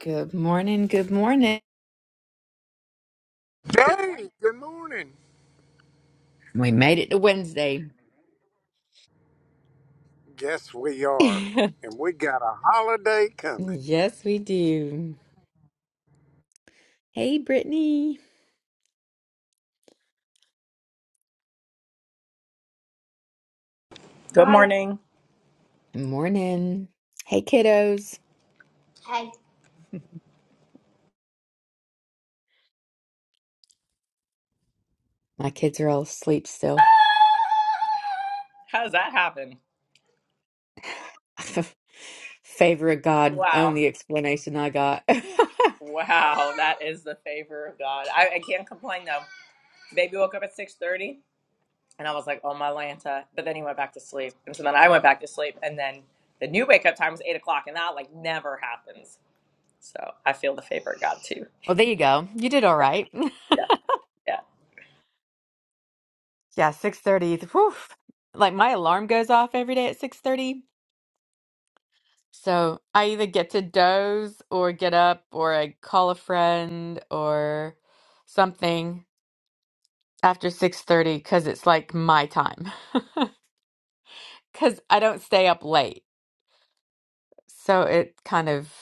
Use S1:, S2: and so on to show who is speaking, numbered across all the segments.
S1: Good morning. Good morning.
S2: Hey, good morning.
S1: We made it to Wednesday.
S2: Yes, we are.
S1: yes,
S2: And we got a holiday coming.
S1: we do. Hey, Brittany.
S3: Good Hi. morning.
S1: Good morning. Hey, kiddos.
S3: Hi.
S1: My kids are all asleep still.
S3: How does that happen?
S1: Favor of God.
S3: Wow.
S1: Only explanation I got. well,
S3: Wow, that is the favor of God. I, I can't complain though. Baby woke up at 6:30 and I was like, oh my Lanta. But then he went back to sleep. And so then I went back to sleep. And then the new wake up time was eight o'clock and that like never happens. So I feel the favor of God too.
S1: there you go. You did all right.
S3: Yeah. Yeah.
S1: yeah, 6.30. Whew. Like my alarm goes off every day at 6.30. So I either get to doze or get up or I call a friend or something after 6:30 because it's like my time because I don't stay up late. So it kind of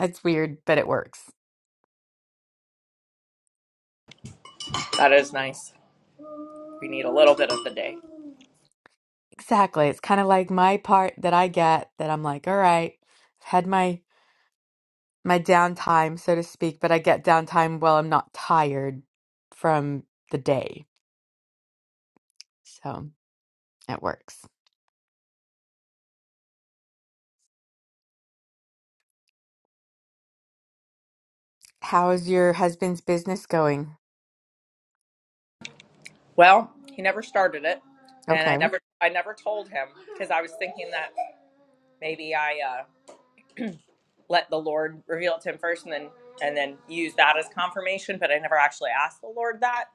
S1: it's weird, but it works.
S3: That is nice. We need a little bit of the day.
S1: Exactly. It's kind of like my part that I get that I'm like, all right, I've had my my downtime, so to speak, but I get downtime while I'm not tired from the day. So it works. How is your husband's business going?
S3: Well, he never started it. And I
S1: Okay.
S3: never I never told him because I was thinking that maybe I uh let the Lord reveal it to him first and then and then use that as confirmation, but I never actually asked the Lord that.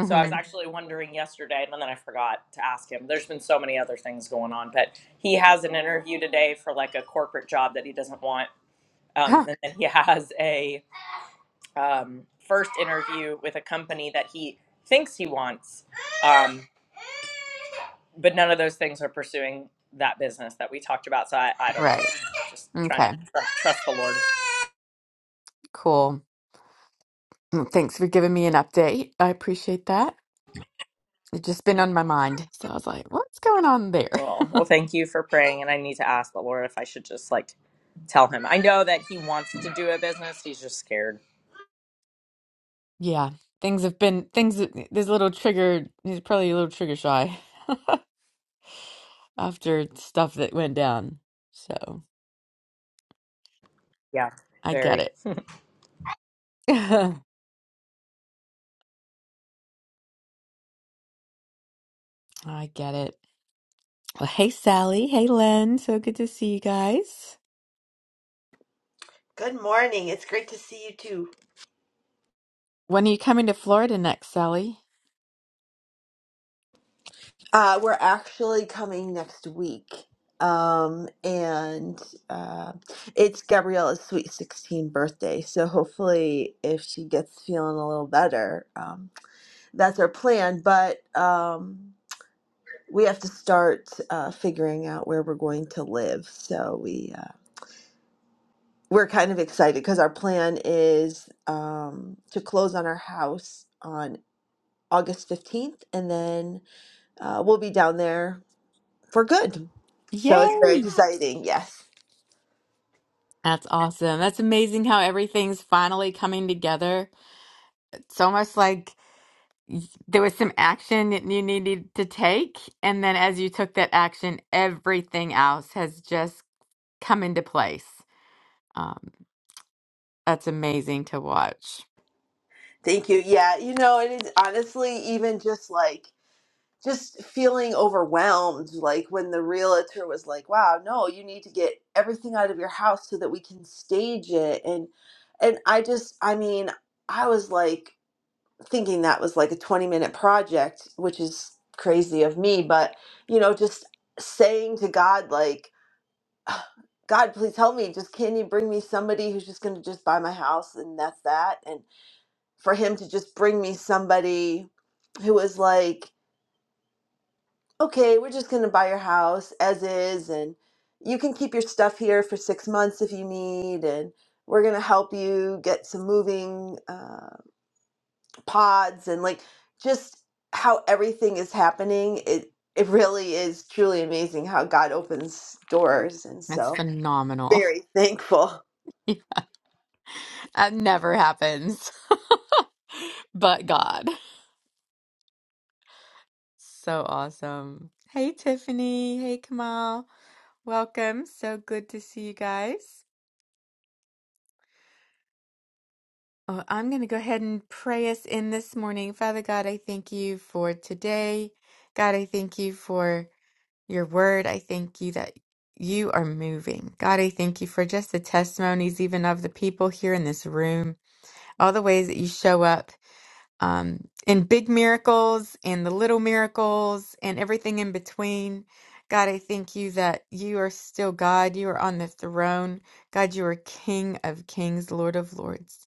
S3: So I was actually wondering yesterday and then I forgot to ask him. There's been so many other things going on, but he has an interview today for like a corporate job that he doesn't want. Um,
S1: Huh.
S3: and then he has a um, first interview with a company that he thinks he wants. Um, but none of those things are pursuing that business that we talked about. So I, I don't know.
S1: Right.
S3: Just trying to
S1: Okay.
S3: tr- trust the Lord.
S1: Cool. Mm, Thanks for giving me an update. I appreciate that. It's just been on my mind. So I was like, what's going on there?
S3: Well, well, thank you for praying. And I need to ask the Lord if I should just like tell him. I know that he wants to do a business, he's just scared.
S1: Yeah, things have been things that there's a little trigger he's probably a little trigger shy after stuff that went down. So
S3: Yeah,
S1: I get
S3: very.
S1: it. I get it. Well, hey Sally. Hey Len. So good to see you guys.
S4: Good morning. It's great to see you too.
S1: When are you coming to Florida next, Sally?
S4: Uh, we're actually coming next week. Um, and uh, it's Gabriella's sweet 16 birthday. So hopefully, if she gets feeling a little better, um, that's our plan. But um, we have to start uh, figuring out where we're going to live. So we, uh, we're kind of excited because our plan is um, to close on our house on August 15th and then uh, will be down there for good. So it's very
S1: Yay!
S4: exciting. Yes.
S1: That's awesome. That's amazing how everything's finally coming together. It's almost like y- there was some action that you needed to take. And then as you took that action, everything else has just come into place. Um, that's amazing to watch.
S4: Thank you. Yeah. You know, and it's honestly, even just like, just feeling overwhelmed, like when the realtor was like, wow, no, you need to get everything out of your house so that we can stage it. And, and I just, I mean, I was like thinking that was like a 20 minute project, which is crazy of me, but, you know, just saying to God, like, God, please help me. Just can you bring me somebody who's just going to just buy my house and that's that? And for him to just bring me somebody who was like, okay, we're just going to buy your house as is, and you can keep your stuff here for six months if you need, and we're going to help you get some moving uh, pods and like just how everything is happening. It it really is truly amazing how God opens doors, and
S1: That's
S4: so
S1: phenomenal.
S4: very thankful.
S1: That never happens, but God. So awesome. Hey, Tiffany. Hey, Kamal. Welcome. So good to see you guys. Oh, I'm going to go ahead and pray us in this morning. Father God, I thank you for today. God, I thank you for. your word. I thank you that you are moving. God, I thank you for just the testimonies, even of the people here in this room, all the ways that you show up um, in big miracles and the little miracles and everything in between. God, I thank you that you are still God. You are on the throne. God, you are King of kings, Lord of lords.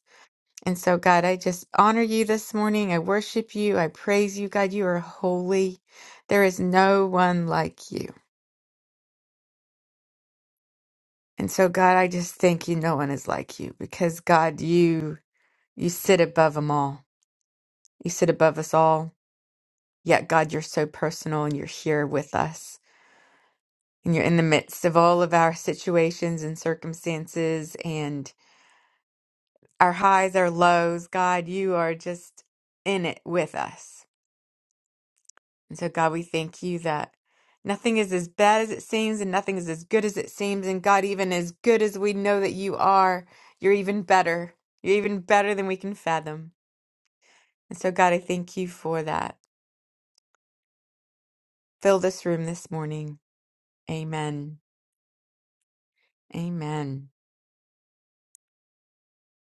S1: And so, God, I just honor you this morning. I worship you. I praise you. God, you are holy. There is no one like you. And so, God, I just thank you. No one is like you because, God, you you sit above them all. You sit above us all. Yet, God, you're so personal and you're here with us. And you're in the midst of all of our situations and circumstances and our highs, our lows. God, you are just in it with us. And so, God, we thank you that nothing is as bad as it seems and nothing is as good as it seems. And God, even as good as we know that you are, you're even better. You're even better than we can fathom. And so, God, I thank you for that. Fill this room this morning. Amen. Amen.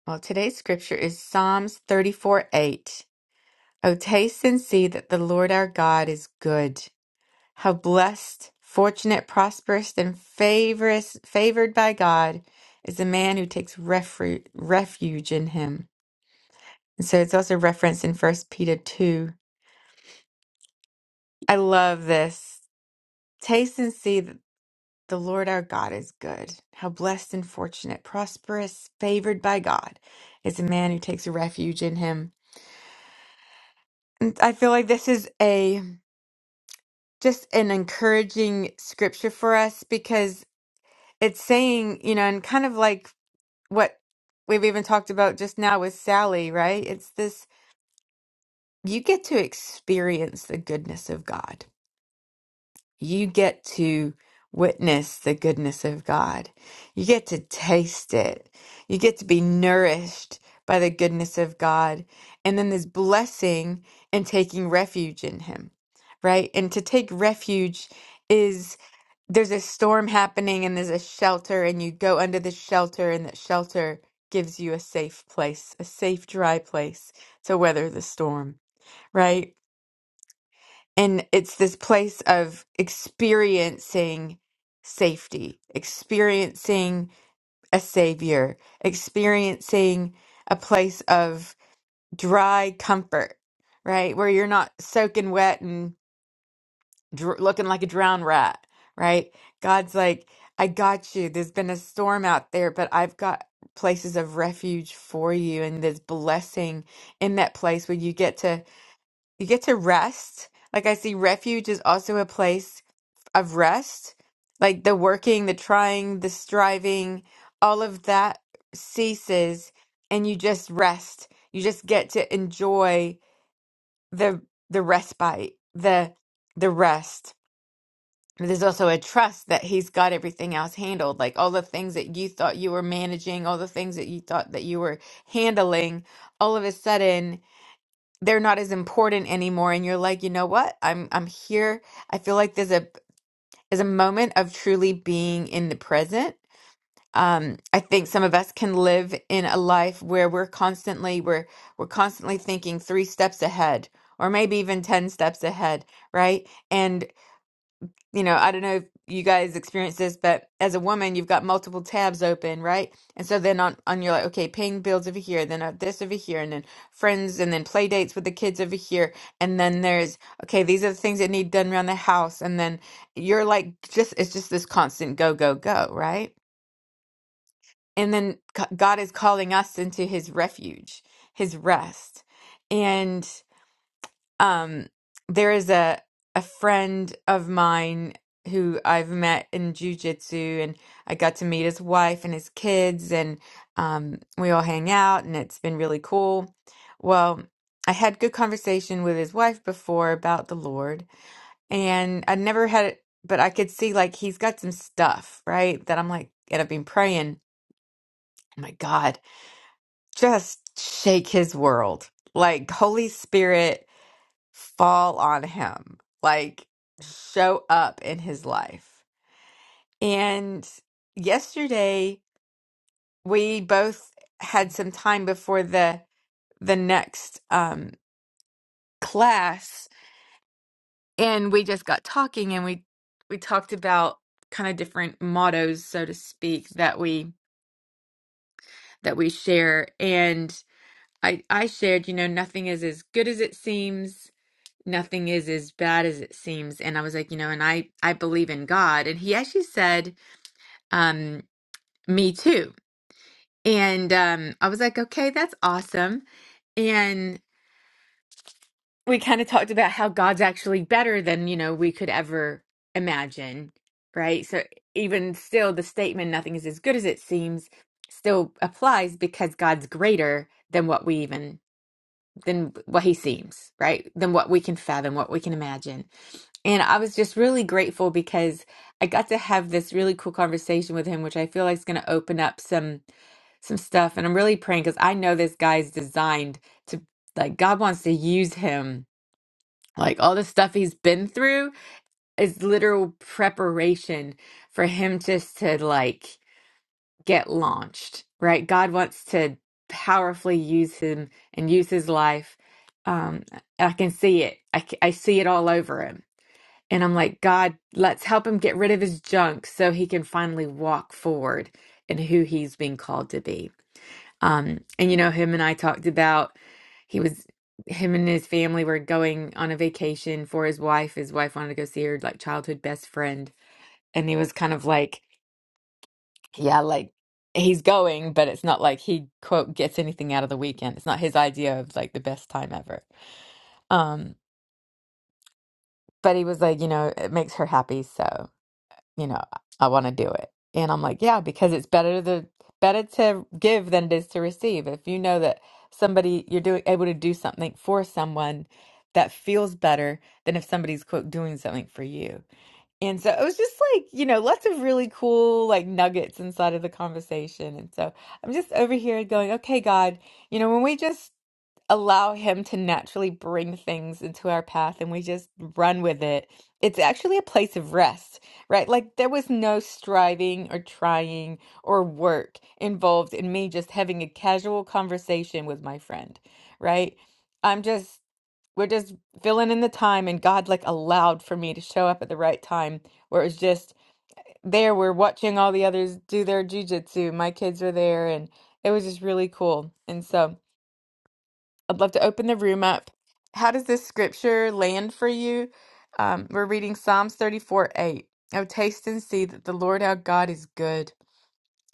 S1: Well, today's scripture is Psalms 34 8. Oh, taste and see that the Lord our God is good. How blessed, fortunate, prosperous, and favorous, favored by God is the man who takes refuge, refuge in him. And so it's also referenced in First Peter 2. I love this. Taste and see that the Lord our God is good. How blessed and fortunate, prosperous, favored by God is the man who takes refuge in him. And I feel like this is a just an encouraging scripture for us because it's saying, you know, and kind of like what we've even talked about just now with Sally, right? It's this you get to experience the goodness of God. You get to witness the goodness of God. You get to taste it. You get to be nourished by the goodness of God. And then this blessing and taking refuge in Him, right? And to take refuge there's a storm happening and there's a shelter and you go under the shelter and that shelter gives you a safe place, a safe dry place to weather the storm, right? And it's this place of experiencing safety, experiencing a savior, experiencing a place of dry comfort, right? Where you're not soaking wet and. dr- looking like a drowned rat, right? God's like, I got you. There's been a storm out there, but I've got places of refuge for you, and there's blessing in that place where you get to you get to rest. Like I see, refuge is also a place of rest. Like the working, the trying, the striving, all of that ceases, and you just rest. You just get to enjoy the the respite, the the rest there's also a trust that he's got everything else handled like all the things that you thought you were managing all the things that you thought that you were handling all of a sudden they're not as important anymore and you're like you know what i'm i'm here i feel like there's a is a moment of truly being in the present um i think some of us can live in a life where we're constantly we're we're constantly thinking three steps ahead or maybe even 10 steps ahead right And you know, I don't know if you guys experience this, but as a woman, you've got multiple tabs open, right? And so then on, on you're like, okay, paying bills over here, then uh, this over here, and then friends, and then play dates with the kids over here. And then there's, okay, these are the things that need done around the house. And then you're like, just, it's just this constant go, go, go, right? And then c- God is calling us into his refuge, his rest um there is a a friend of mine who I've met in jujitsu and I got to meet his wife and his kids and um we all hang out and it's been really cool. Well, I had good conversation with his wife before about the Lord and I never had but I could see like he's got some stuff, right? That I'm like and I've been praying, oh my God, just shake his world. Like Holy Spirit fall on him, like show up in his life. And yesterday we both had some time before the the next um class and we just got talking and we we talked about kind of different mottos so to speak that we that we share and I I shared, you know, nothing is as good as it seems nothing is as bad as it seems and i was like you know and i i believe in god and he actually said um me too and um i was like okay that's awesome and we kind of talked about how god's actually better than you know we could ever imagine right so even still the statement nothing is as good as it seems still applies because god's greater than what we even than what he seems, right? Than what we can fathom, what we can imagine. And I was just really grateful because I got to have this really cool conversation with him, which I feel like is going to open up some some stuff. And I'm really praying because I know this guy's designed to like God wants to use him. Like all the stuff he's been through is literal preparation for him just to like get launched, right? God wants to powerfully use him and use his life. Um, I can see it. I, c- I see it all over him. And I'm like, God, let's help him get rid of his junk so he can finally walk forward in who he's being called to be. Um, and you know, him and I talked about he was him and his family were going on a vacation for his wife. His wife wanted to go see her like childhood best friend. And he was kind of like, yeah, like he's going, but it's not like he quote gets anything out of the weekend. It's not his idea of like the best time ever. Um, but he was like, you know, it makes her happy, so you know, I want to do it. And I'm like, yeah, because it's better to better to give than it is to receive. If you know that somebody you're doing able to do something for someone that feels better than if somebody's quote doing something for you. And so it was just like, you know, lots of really cool like nuggets inside of the conversation. And so I'm just over here going, okay, God, you know, when we just allow Him to naturally bring things into our path and we just run with it, it's actually a place of rest, right? Like there was no striving or trying or work involved in me just having a casual conversation with my friend, right? I'm just we're just filling in the time and god like allowed for me to show up at the right time where it was just there we're watching all the others do their jujitsu my kids were there and it was just really cool and so i'd love to open the room up how does this scripture land for you um, we're reading psalms 34 8 oh taste and see that the lord our god is good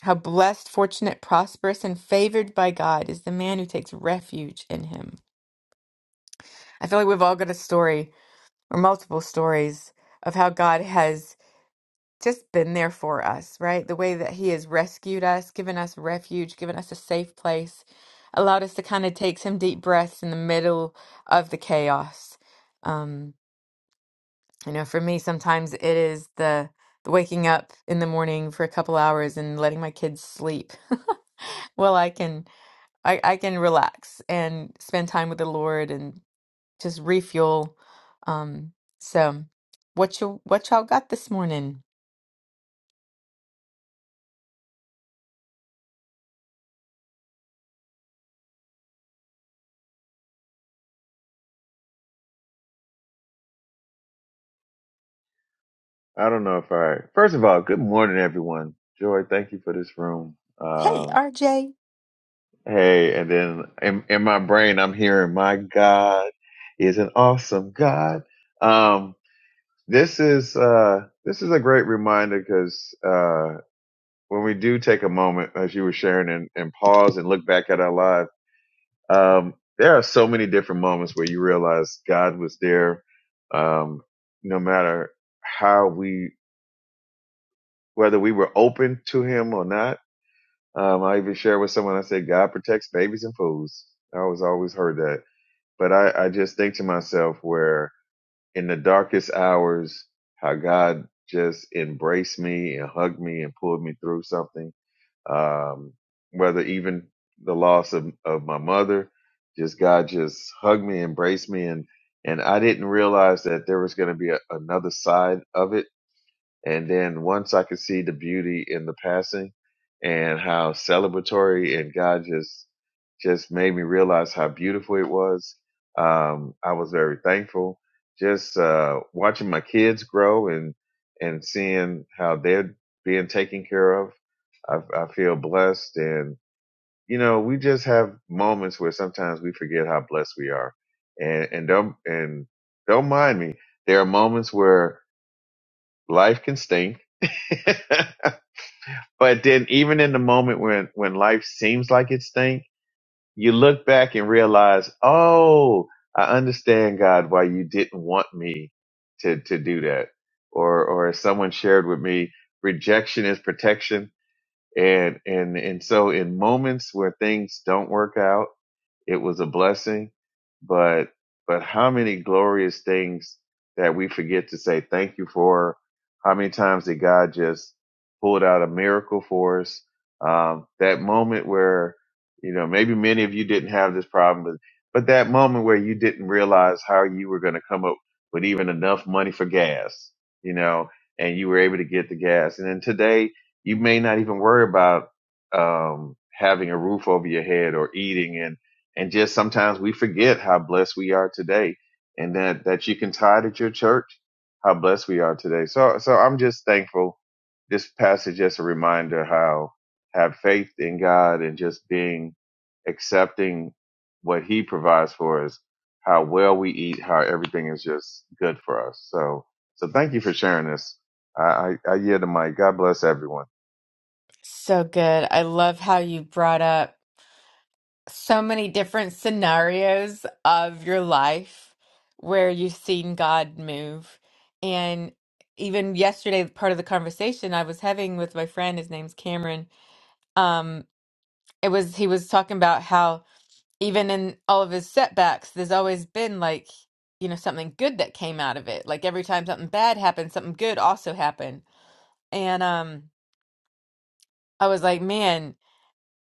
S1: how blessed fortunate prosperous and favored by god is the man who takes refuge in him i feel like we've all got a story or multiple stories of how God has just been there for us, right? The way that He has rescued us, given us refuge, given us a safe place, allowed us to kind of take some deep breaths in the middle of the chaos. Um, you know, for me, sometimes it is the the waking up in the morning for a couple hours and letting my kids sleep. well, I can I, I can relax and spend time with the Lord and just refuel. Um, so what you what y'all got this morning?
S5: I don't know if I. First of all, good morning, everyone. Joy, thank you for this room.
S1: Hey,
S5: Um,
S1: RJ.
S5: hey, and then in, in my brain, I'm hearing, "My God is an awesome God." Um, this is uh, this is a great reminder because uh, when we do take a moment, as you were sharing, and, and pause and look back at our life, um, there are so many different moments where you realize God was there, um, no matter how we, whether we were open to Him or not Um, I even shared with someone, I said, God protects babies and fools. I was always heard that. But I, I just think to myself where in the darkest hours, how God just embraced me and hugged me and pulled me through something. Um, whether even the loss of, of my mother, just God just hugged me, embraced me. And, and I didn't realize that there was going to be a, another side of it and then once I could see the beauty in the passing and how celebratory and God just just made me realize how beautiful it was. Um, I was very thankful. Just uh, watching my kids grow and and seeing how they're being taken care of, I, I feel blessed. And you know, we just have moments where sometimes we forget how blessed we are. And and don't and don't mind me. There are moments where life can stink but then even in the moment when when life seems like it stink, you look back and realize, oh, I understand God why you didn't want me to to do that. Or or as someone shared with me, rejection is protection and and and so in moments where things don't work out it was a blessing but but how many glorious things that we forget to say thank you for how many times did god just pulled out a miracle for us um that moment where you know maybe many of you didn't have this problem but but that moment where you didn't realize how you were going to come up with even enough money for gas you know and you were able to get the gas and then today you may not even worry about um, having a roof over your head or eating and and just sometimes we forget how blessed we are today and that that you can tithe at your church how blessed we are today so so i'm just thankful this passage is a reminder how have faith in god and just being accepting what he provides for us how well we eat how everything is just good for us so so thank you for sharing this i i, I yield the mic god bless everyone
S1: So good. I love how you brought up so many different scenarios of your life where you've seen God move. And even yesterday, part of the conversation I was having with my friend, his name's Cameron, um, it was he was talking about how even in all of his setbacks, there's always been like, you know, something good that came out of it. Like every time something bad happened, something good also happened. And um I was like, man,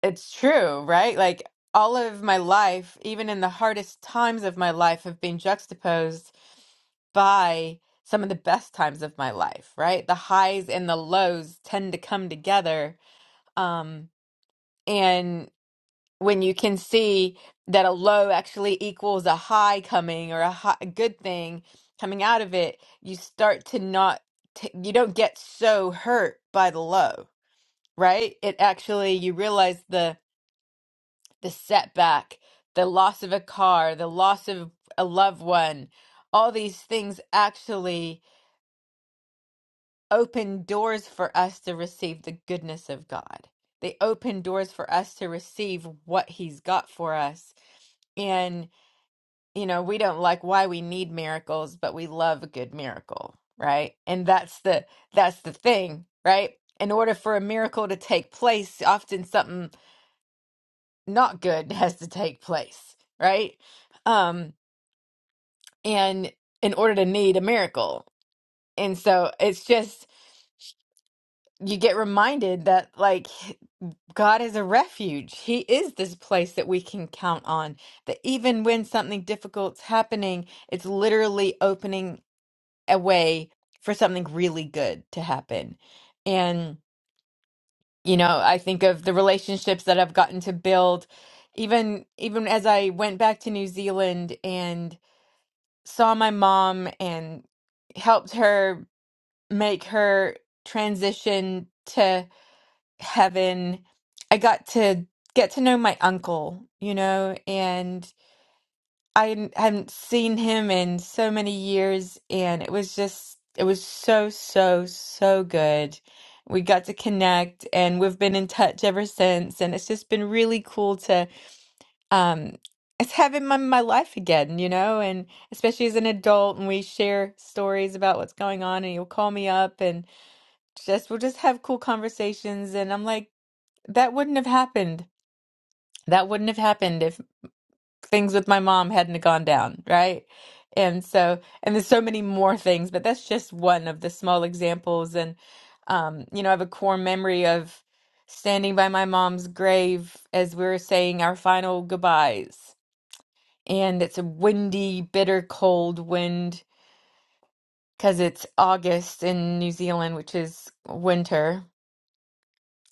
S1: it's true, right? Like all of my life, even in the hardest times of my life have been juxtaposed by some of the best times of my life, right? The highs and the lows tend to come together. Um, and when you can see that a low actually equals a high coming or a, high, a good thing coming out of it, you start to not, t- you don't get so hurt by the low, right? It actually, you realize the the setback, the loss of a car, the loss of a loved one, all these things actually open doors for us to receive the goodness of God. They open doors for us to receive what He's got for us you know, we don't like why we need miracles, but we love a good miracle, right? And that's the that's the thing, right? In order for a miracle to take place, often something not good has to take place, right? Um, and in order to need a miracle. And so it's just you get reminded that like God is a refuge. He is this place that we can count on. That even when something difficult's happening, it's literally opening a way for something really good to happen. And you know, I think of the relationships that I've gotten to build even even as I went back to New Zealand and saw my mom and helped her make her transition to heaven. I got to get to know my uncle, you know, and. I hadn't hadn't seen him in so many years, and it was just, it was so, so, so good. We got to connect, and we've been in touch ever since. And it's just been really cool to, um, it's having my, my life again, you know, and especially as an adult, and we share stories about what's going on, and he'll call me up, and just we'll just have cool conversations. And I'm like, that wouldn't have happened. That wouldn't have happened things with my mom hadn't gone down, right? And so, and there's so many more things, but that's just one of the small examples. And, um, you know, I have a core memory of standing by my mom's grave as we were saying our final goodbyes. And it's a windy, bitter cold wind because it's August in New Zealand, which is winter.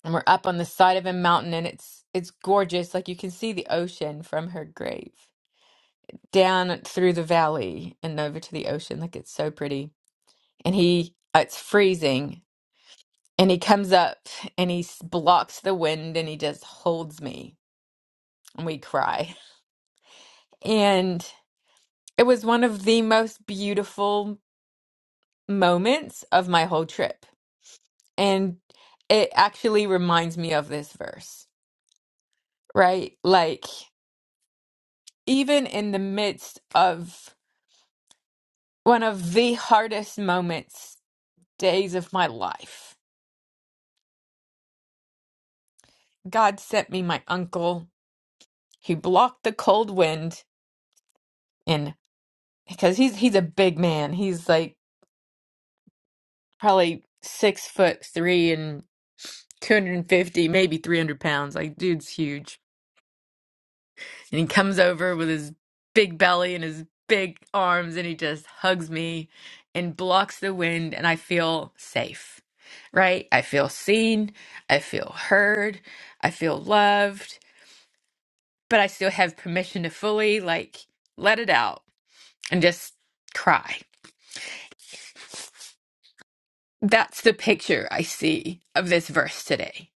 S1: And we're up on the side of a mountain and it's it's gorgeous. Like you can see the ocean from her grave down through the valley and over to the ocean. Like it's so pretty. And he, uh, it's freezing. And he comes up and he s- blocks the wind and he just holds me and we cry. And it was one of the most beautiful moments of my whole trip. And it actually reminds me of this verse, right? Like, even in the midst of one of the hardest moments, days of my life God sent me my uncle. He blocked the cold wind, and because he's he's a big man, he's like probably six foot three and 250, maybe 300 pounds. Like, dude's huge. And he comes over with his big belly and his big arms, and he just hugs me and blocks the wind, and I feel safe, right? I feel seen, I feel heard, I feel loved, but I still have permission to fully like let it out and just cry. That's the picture I see of this verse today,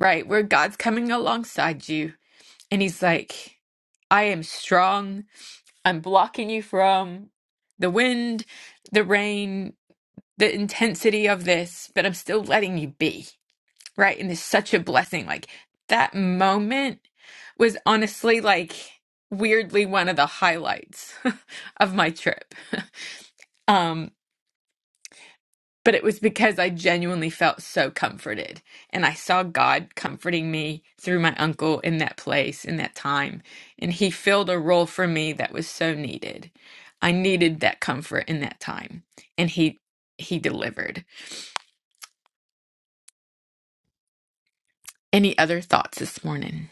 S1: right? Where God's coming alongside you and He's like, I am strong. I'm blocking you from the wind, the rain, the intensity of this, but I'm still letting you be, right? And it's such a blessing. Like that moment was honestly like weirdly one of the highlights of my trip. Um. but it was because I genuinely felt so comforted. And I saw God comforting me through my uncle in that place, in that time. And he filled a role for me that was so needed. I needed that comfort in that time. And he he delivered. Any other thoughts this morning?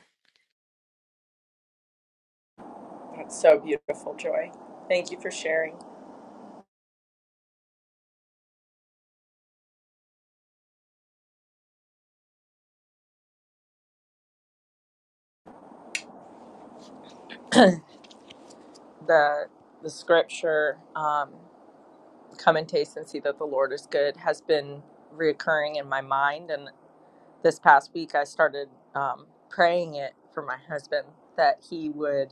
S3: That's so beautiful, Joy. Thank you for sharing the the scripture. Um, Come and taste and see that the Lord is good has been reoccurring in my mind, and this past week I started um, praying it for my husband that he would.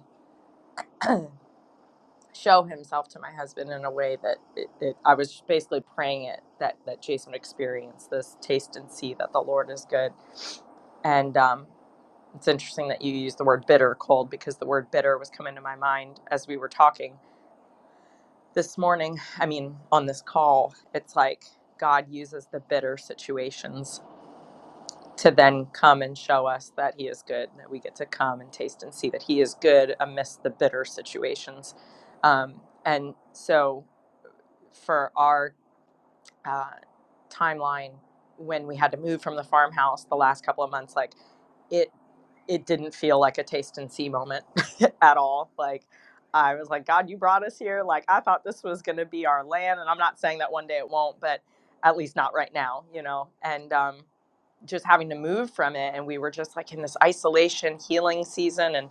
S3: show himself to my husband in a way that it, it, I was basically praying it that that Jason would experience this taste and see that the Lord is good. And um, it's interesting that you use the word bitter cold because the word bitter was coming to my mind as we were talking this morning. I mean, on this call, it's like God uses the bitter situations to then come and show us that He is good, that we get to come and taste and see that He is good amidst the bitter situations. Um, and so for our uh, timeline when we had to move from the farmhouse the last couple of months like it it didn't feel like a taste and see moment at all like i was like god you brought us here like i thought this was going to be our land and i'm not saying that one day it won't but at least not right now you know and um just having to move from it and we were just like in this isolation healing season and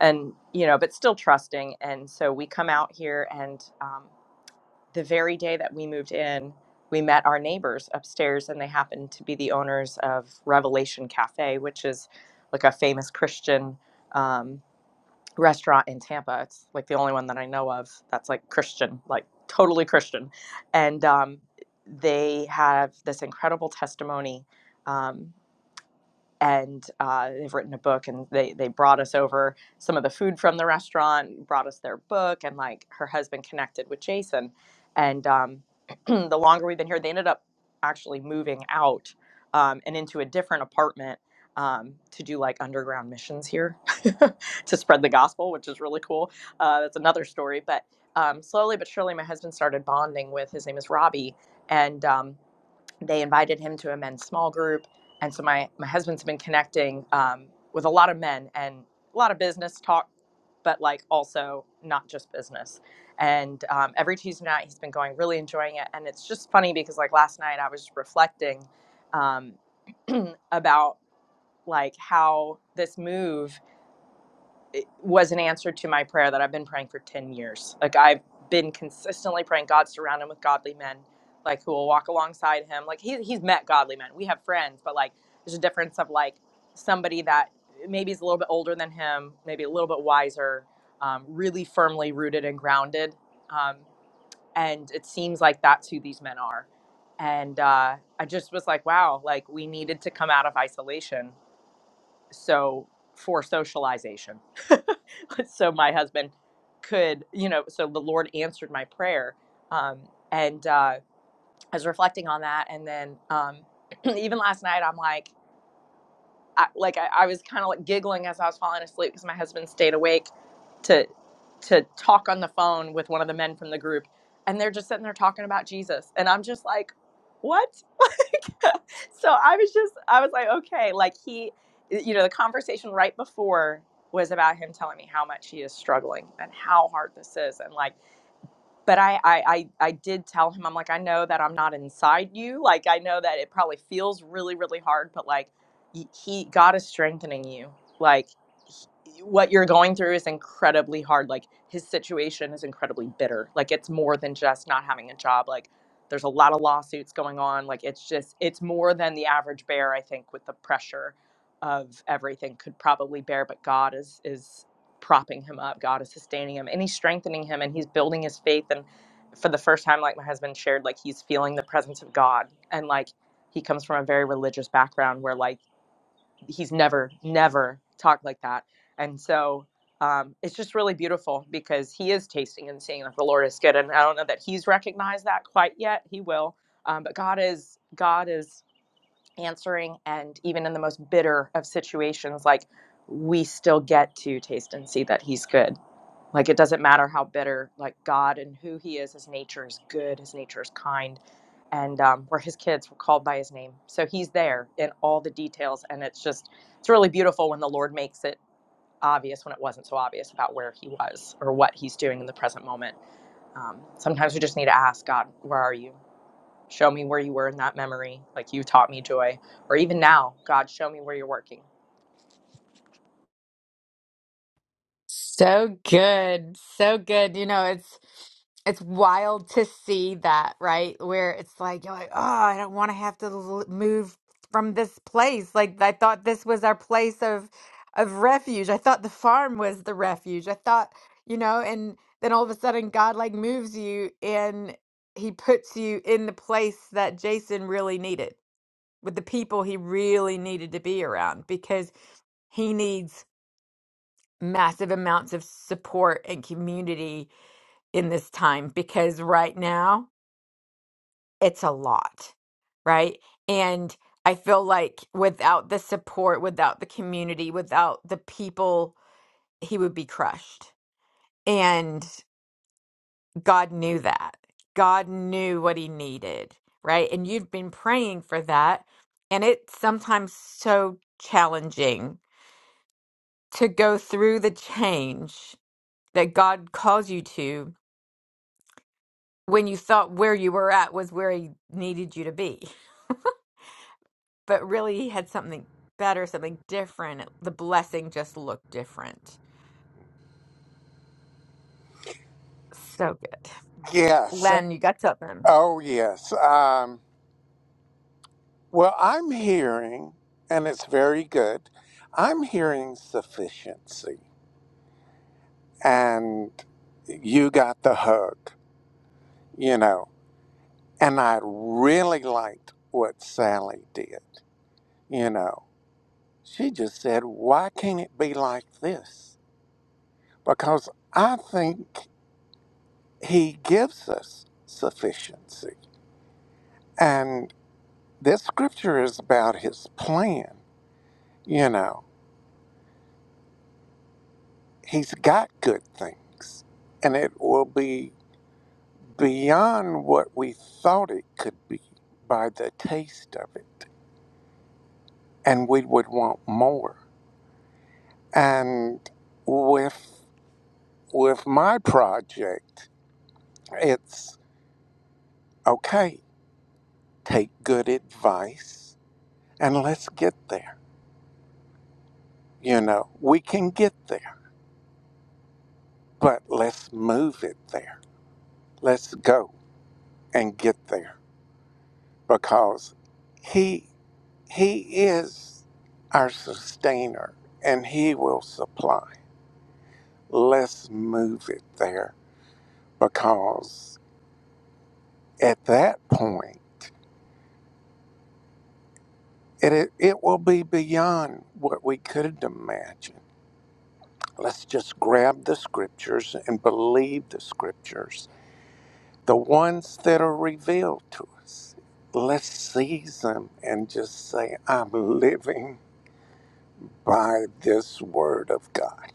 S3: and you know but still trusting and so we come out here and um, the very day that we moved in, we met our neighbors upstairs, and they happened to be the owners of Revelation Cafe, which is like a famous Christian um, restaurant in Tampa. It's like the only one that I know of that's like Christian, like totally Christian. And um, they have this incredible testimony. Um, and uh, they've written a book and they, they brought us over some of the food from the restaurant brought us their book and like her husband connected with jason and um, the longer we've been here they ended up actually moving out um, and into a different apartment um, to do like underground missions here to spread the gospel which is really cool uh, that's another story but um, slowly but surely my husband started bonding with his name is robbie and um, they invited him to a men's small group. And so my, my husband's been connecting um, with a lot of men and a lot of business talk, but like also not just business. And um, every Tuesday night he's been going, really enjoying it. And it's just funny because like last night I was reflecting um, about like how this move was an answer to my prayer that I've been praying for 10 years. Like I've been consistently praying God surround him with godly men like who will walk alongside him. Like he, he's met godly men. We have friends, but like there's a difference of like somebody that maybe is a little bit older than him, maybe a little bit wiser, um, really firmly rooted and grounded. Um, and it seems like that's who these men are. And uh, I just was like, wow, like we needed to come out of isolation so for socialization so my husband could you know so the lord answered my prayer um, and uh, i was reflecting on that and then um, even last night i'm like I, like I, I was kind of like giggling as I was falling asleep because my husband stayed awake to to talk on the phone with one of the men from the group, and they're just sitting there talking about Jesus, and I'm just like, what? Like, so I was just I was like, okay, like he, you know, the conversation right before was about him telling me how much he is struggling and how hard this is, and like but I, I i i did tell him i'm like i know that i'm not inside you like i know that it probably feels really really hard but like y- he god is strengthening you like he- what you're going through is incredibly hard like his situation is incredibly bitter like it's more than just not having a job like there's a lot of lawsuits going on like it's just it's more than the average bear i think with the pressure of everything could probably bear but god is is propping him up. God is sustaining him and he's strengthening him and he's building his faith. And for the first time, like my husband shared, like he's feeling the presence of God. And like he comes from a very religious background where like he's never, never talked like that. And so um, it's just really beautiful because he is tasting and seeing that the Lord is good. And I don't know that he's recognized that quite yet. He will. Um, but God is, God is answering. And even in the most bitter of situations, like we still get to taste and see that he's good like it doesn't matter how bitter, like God and who He is, His nature is good, His nature is kind, and um, we His kids. were called by His name, so He's there in all the details, and it's just it's really beautiful when the Lord makes it obvious when it wasn't so obvious about where He was or what He's doing in the present moment. Um, sometimes we just need to ask God, "Where are you? Show me where you were in that memory, like you taught me joy, or even now, God, show me where you're working."
S1: So good. So good. You know, it's it's wild to see that, right? Where it's like you're like, "Oh, I don't want to have to l- move from this place. Like I thought this was our place of of refuge. I thought the farm was the refuge. I thought, you know, and then all of a sudden God like moves you and he puts you in the place that Jason really needed with the people he really needed to be around because he needs massive amounts of support and community in this time because right now it's a lot, right? And I feel like without the support, without the community, without the people, he would be crushed. And God knew that. God knew what he needed, right? And you've been praying for that. And it's sometimes so challenging to go through the change that God calls you to when you thought where you were at was where he needed you to be. But really, he had something better, something different. The blessing just looked different. So good.
S2: Yes.
S1: Len, you got something.
S2: Oh, yes. Um, well, I'm hearing, and it's very good, I'm hearing sufficiency. And you got the hug, you know. And I really liked what Sally did, you know. She just said, why can't it be like this? Because I think he gives us sufficiency. And this scripture is about his plan. You know, he's got good things, and it will be beyond what we thought it could be by the taste of it. And we would want more. And with, with my project, it's okay, take good advice and let's get there. You know, we can get there but let's move it there. Let's go and get there because he he is our sustainer and he will supply. Let's move it there because at that point it it, it will be beyond what we could imagine. Let's just grab the scriptures and believe the scriptures the ones that are revealed to us. Let's seize them and just say, I'm living by this word of God.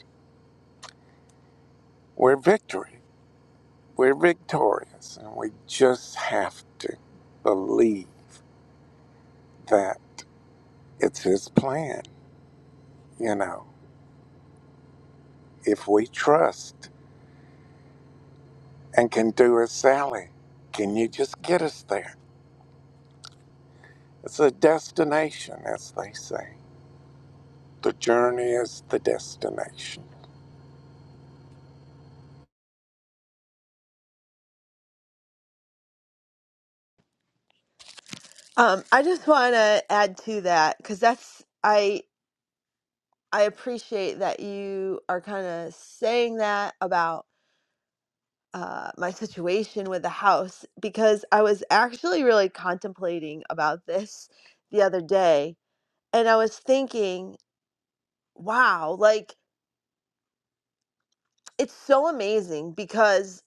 S2: We're victory. We're victorious. And we just have to believe that it's His plan. You know, if we trust and can do as Sally, can you just get us there? It's a destination, as they say. The journey is the destination.
S4: Um, I just want to add to that because that's I I appreciate that you are kind of saying that about uh, my situation with the house because I was actually really contemplating about this the other day and I was thinking, wow, like it's so amazing because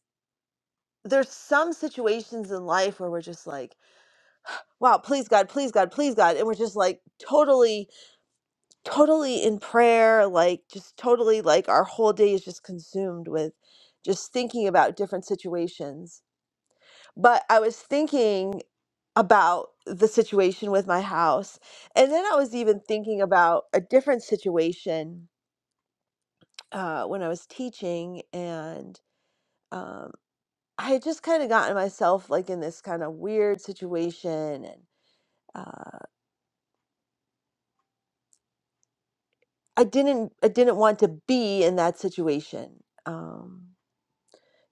S4: there's some situations in life where we're just like, wow, please God, please God, please God, and we're just like totally totally in prayer, like just totally like our whole day is just consumed with just thinking about different situations. But I was thinking about the situation with my house. And then I was even thinking about a different situation uh, when I was teaching. And um, I had just kind of gotten myself like in this kind of weird situation. And uh, I didn't, I didn't want to be in that situation. Um,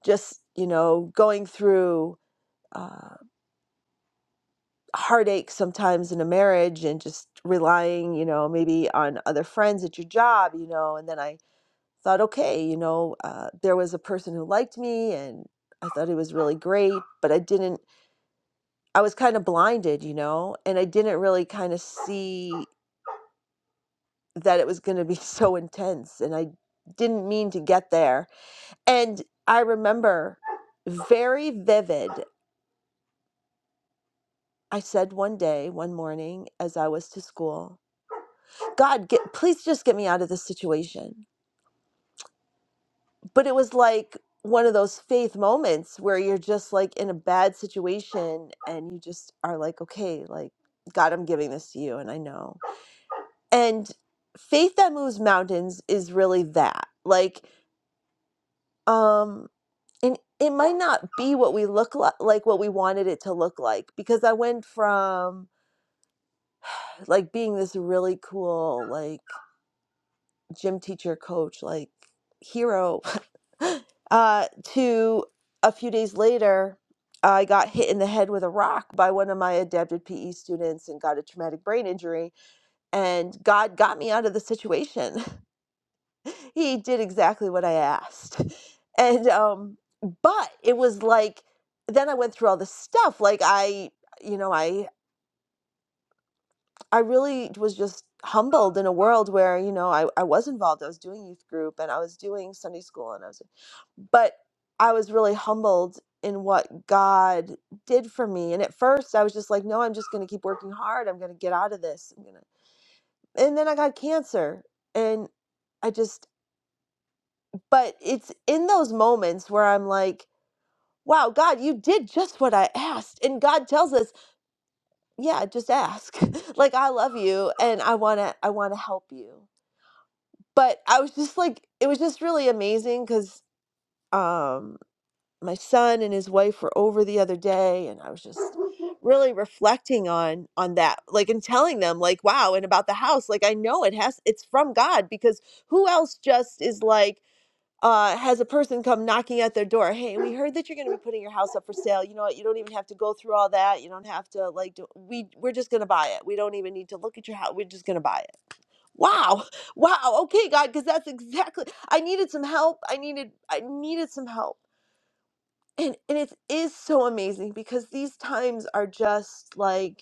S4: just you know going through uh, heartache sometimes in a marriage and just relying you know maybe on other friends at your job you know and then i thought okay you know uh, there was a person who liked me and i thought he was really great but i didn't i was kind of blinded you know and i didn't really kind of see that it was going to be so intense and i didn't mean to get there and i remember very vivid I said one day, one morning, as I was to school, God, get, please just get me out of this situation. But it was like one of those faith moments where you're just like in a bad situation and you just are like, okay, like, God, I'm giving this to you and I know. And faith that moves mountains is really that. Like, um, and it might not be what we look like, like what we wanted it to look like, because I went from like being this really cool, like. gym teacher coach like hero uh to a few days later i got hit in the head with a rock by one of my adapted pe students and got a traumatic brain injury and god got me out of the situation he did exactly what i asked and um but it was like then i went through all this stuff like i you know I. I really was just humbled in a world where, you know, I, I was involved. I was doing youth group and I was doing Sunday school and I was, but I was really humbled in what God did for me. And at first I was just like, no, I'm just going to keep working hard. I'm going to get out of this. I'm gonna... And then I got cancer and I just, but it's in those moments where I'm like, wow, God, you did just what I asked. And God tells us, yeah, just ask. like I love you and I want to, I want to help you but I was just like, it was just really amazing because um, my son and his wife were over the other day, and I was just really reflecting on on that, like, and telling them, like, wow, and about the house, like, I know it has, it's from God because who else just is like uh, has a person come knocking at their door. Hey, we heard that you're going to be putting your house up for sale. You know what? You don't even have to go through all that. You don't have to like. Do, we we're just going to buy it. We don't even need to look at your house. We're just going to buy it. Wow, wow. Okay, God, because that's exactly. I needed some help. I needed I needed some help, and and it is so amazing because these times are just like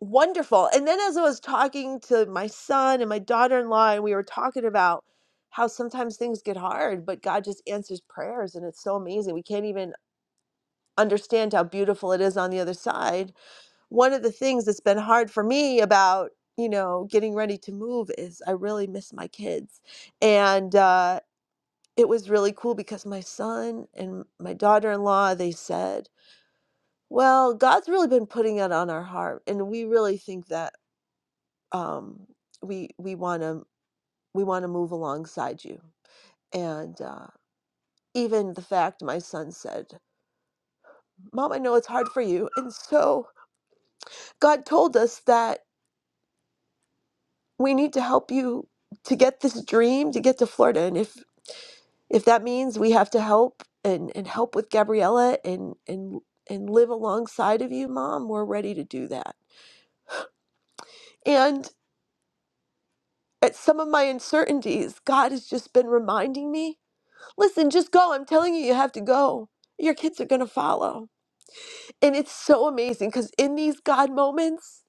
S4: wonderful. And then as I was talking to my son and my daughter-in-law, and we were talking about how sometimes things get hard, but God just answers prayers, and it's so amazing. We can't even understand how beautiful it is on the other side. One of the things that's been hard for me about you know getting ready to move is I really miss my kids, and uh, it was really cool because my son and my daughter-in-law they said. Well, God's really been putting it on our heart, and we really think that um, we we want to we want to move alongside you and uh, even the fact my son said mom i know it's hard for you and so god told us that we need to help you to get this dream to get to florida and if if that means we have to help and and help with gabriella and and and live alongside of you mom we're ready to do that and at some of my uncertainties god has just been reminding me Listen, just go. I'm telling you, you have to go. Your kids are going to follow. And it's so amazing because in these God moments,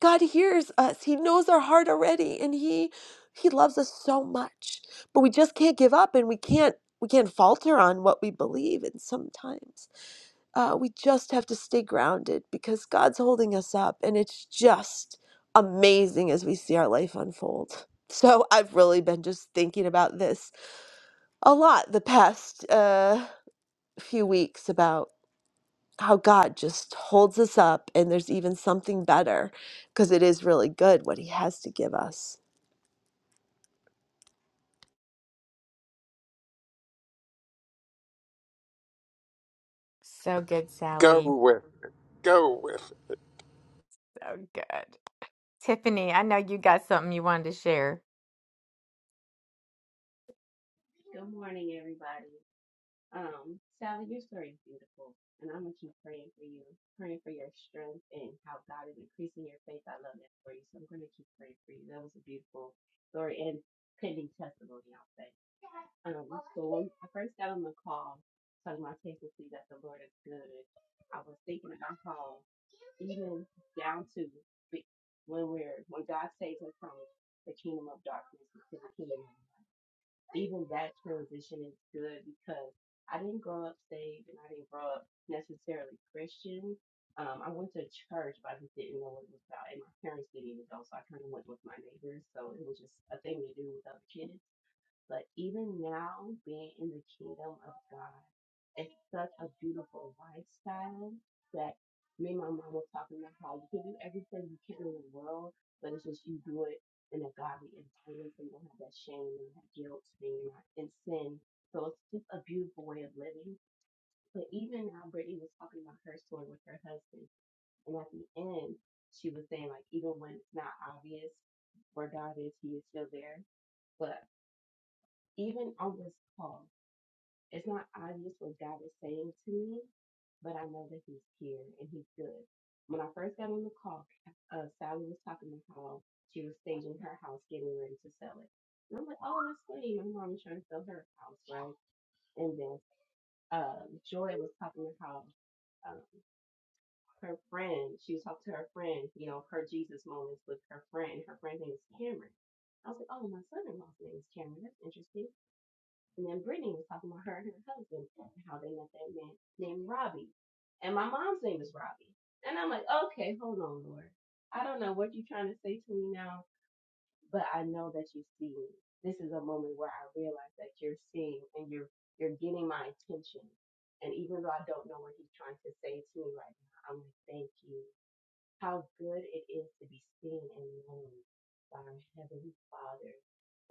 S4: God hears us. He knows our heart already and he he loves us so much. But we just can't give up and we can't we can't falter on what we believe and sometimes uh, we just have to stay grounded because God's holding us up and it's just amazing as we see our life unfold. So I've really been just thinking about this a lot the past. Uh few weeks about how God just holds us up and there's even something better because it is really good what he has to give us.
S1: So good,
S2: Go
S1: Sally.
S2: with it. Go with it.
S1: So good. Tiffany, I know you got something you wanted to share.
S6: Good morning, everybody. Um, Sally, your story is beautiful, and I'm gonna keep praying for you, praying for your strength and how God is increasing your faith. I love that for you, so I'm gonna keep praying for you. That was a beautiful story and pending testimony, I'll say. Um, so when I first got on the call talking about taking see that the Lord is good, I was thinking about how even down to the- when we're when God saves us from the kingdom of darkness to the kingdom. of light even that transition is good because I didn't grow up saved and I didn't grow up necessarily Christian. Um, I went to church, but I just didn't know what it was about, and my parents didn't even go, so I kind of went with my neighbors. So it was just a thing to do with other kids. But even now, being in the kingdom of God, it's such a beautiful lifestyle that me and my mom was talking about how you can do everything you can in the world, but it's just you do it in a godly environment so you don't have that shame and that guilt and you're not in sin. So it's just a beautiful way of living. But even now, Brittany was talking about her story with her husband. And at the end, she was saying, like, even when it's not obvious where God is, He is still there. But even on this call, it's not obvious what God is saying to me, but I know that He's here and He's good. When I first got on the call, uh, Sally was talking about how she was staging her house, getting ready to sell it. And I'm like, oh, that's funny. My mom is trying to sell her house, right? And then uh, Joy was talking about how um, her friend, she was talking to her friend, you know, her Jesus moments with her friend. Her friend name is Cameron. I was like, oh, my son-in-law's name is Cameron. That's interesting. And then Brittany was talking about her and her husband and how they met that man named Robbie. And my mom's name is Robbie. And I'm like, okay, hold on, Lord. I don't know what you're trying to say to me now, but I know that you see me. This is a moment where I realize that you're seeing and you're you're getting my attention. And even though I don't know what he's trying to say to me right now, I'm like, thank you how good it is to be seen and known by our Heavenly Father.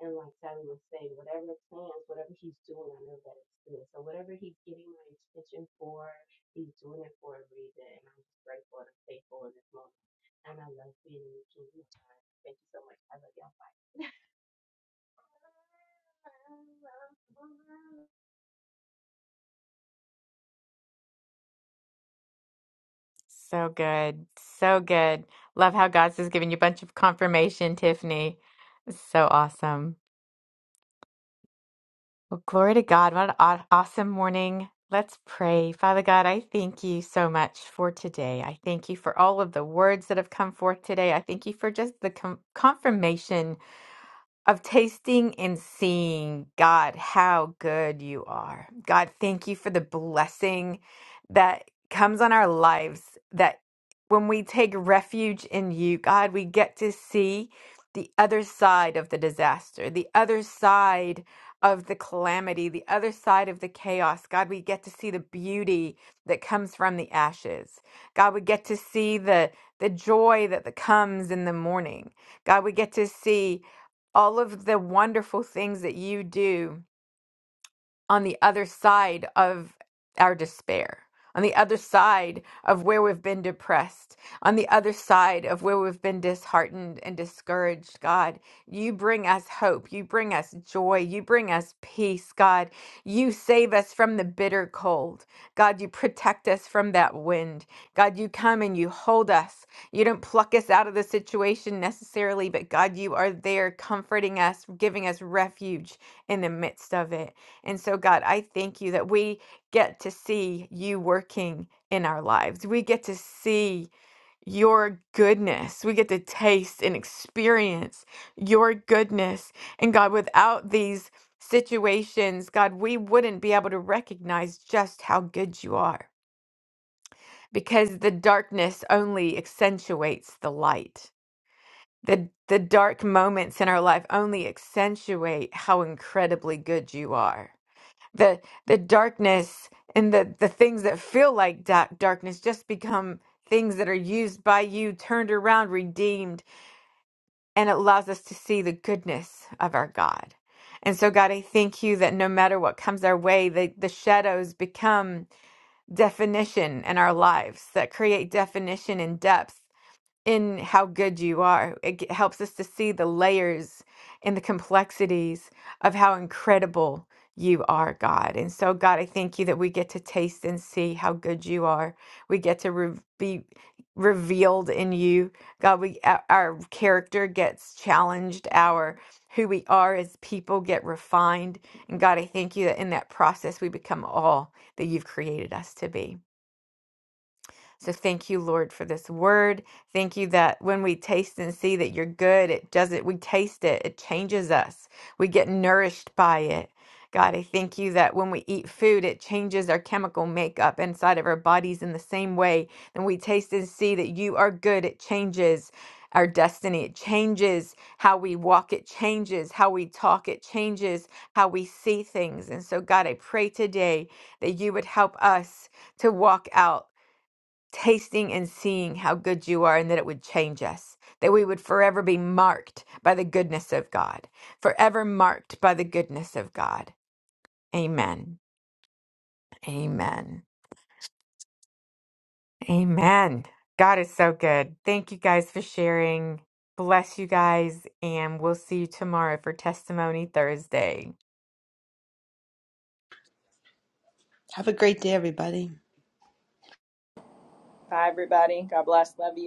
S6: And like Sally was saying, whatever plans, whatever he's doing, I know that it's good. So whatever he's getting my attention for, he's doing it for a reason. And I'm just grateful and faithful in this moment. And I love being in the kingdom of God. Thank you so much. I love y'all. Bye.
S1: So good. So good. Love how God's just giving you a bunch of confirmation, Tiffany. So awesome. Well, glory to God. What an aw- awesome morning. Let's pray. Father God, I thank you so much for today. I thank you for all of the words that have come forth today. I thank you for just the com- confirmation of tasting and seeing, God, how good you are. God, thank you for the blessing that comes on our lives, that when we take refuge in you, God, we get to see the other side of the disaster, the other side of the calamity, the other side of the chaos. God, we get to see the beauty that comes from the ashes. God, we get to see the the joy that comes in the morning. God, we get to see all of the wonderful things that you do on the other side of our despair, on the other side of where we've been depressed, on the other side of where we've been disheartened and discouraged, God. You bring us hope. You bring us joy. You bring us peace, God. You save us from the bitter cold. God, you protect us from that wind. God, you come and you hold us. You don't pluck us out of the situation necessarily, but God, you are there comforting us, giving us refuge in the midst of it. And so, God, I thank you that we get to see you working in our lives. We get to see your goodness. We get to taste and experience your goodness. And God, without these situations, God, we wouldn't be able to recognize just how good you are because the darkness only accentuates the light. The, the dark moments in our life only accentuate how incredibly good you are the the darkness and the the things that feel like da- darkness just become things that are used by you turned around redeemed and it allows us to see the goodness of our god and so god i thank you that no matter what comes our way the, the shadows become definition in our lives that create definition and depth in how good you are. It g- helps us to see the layers and the complexities of how incredible you are, God. And so, God, I thank you that we get to taste and see how good you are. We get to re- be revealed in you, God. We our our character gets challenged. Our who we are as people get refined. And God, I thank you that in that process we become all that you've created us to be. So thank you, Lord, for this word. Thank you that when we taste and see that you're good, it doesn't, we taste it, it changes us. We get nourished by it. God, I thank you that when we eat food, it changes our chemical makeup inside of our bodies in the same way. And we taste and see that you are good. It changes our destiny. It changes how we walk. It changes how we talk. It changes how we see things. And so, God, I pray today that you would help us to walk out tasting and seeing how good you are and that it would change us, that we would forever be marked by the goodness of God, forever marked by the goodness of God. Amen. Amen. Amen. God is so good. Thank you guys for sharing. Bless you guys, and we'll see you tomorrow for Testimony Thursday.
S3: Bye, everybody. God bless. Love you.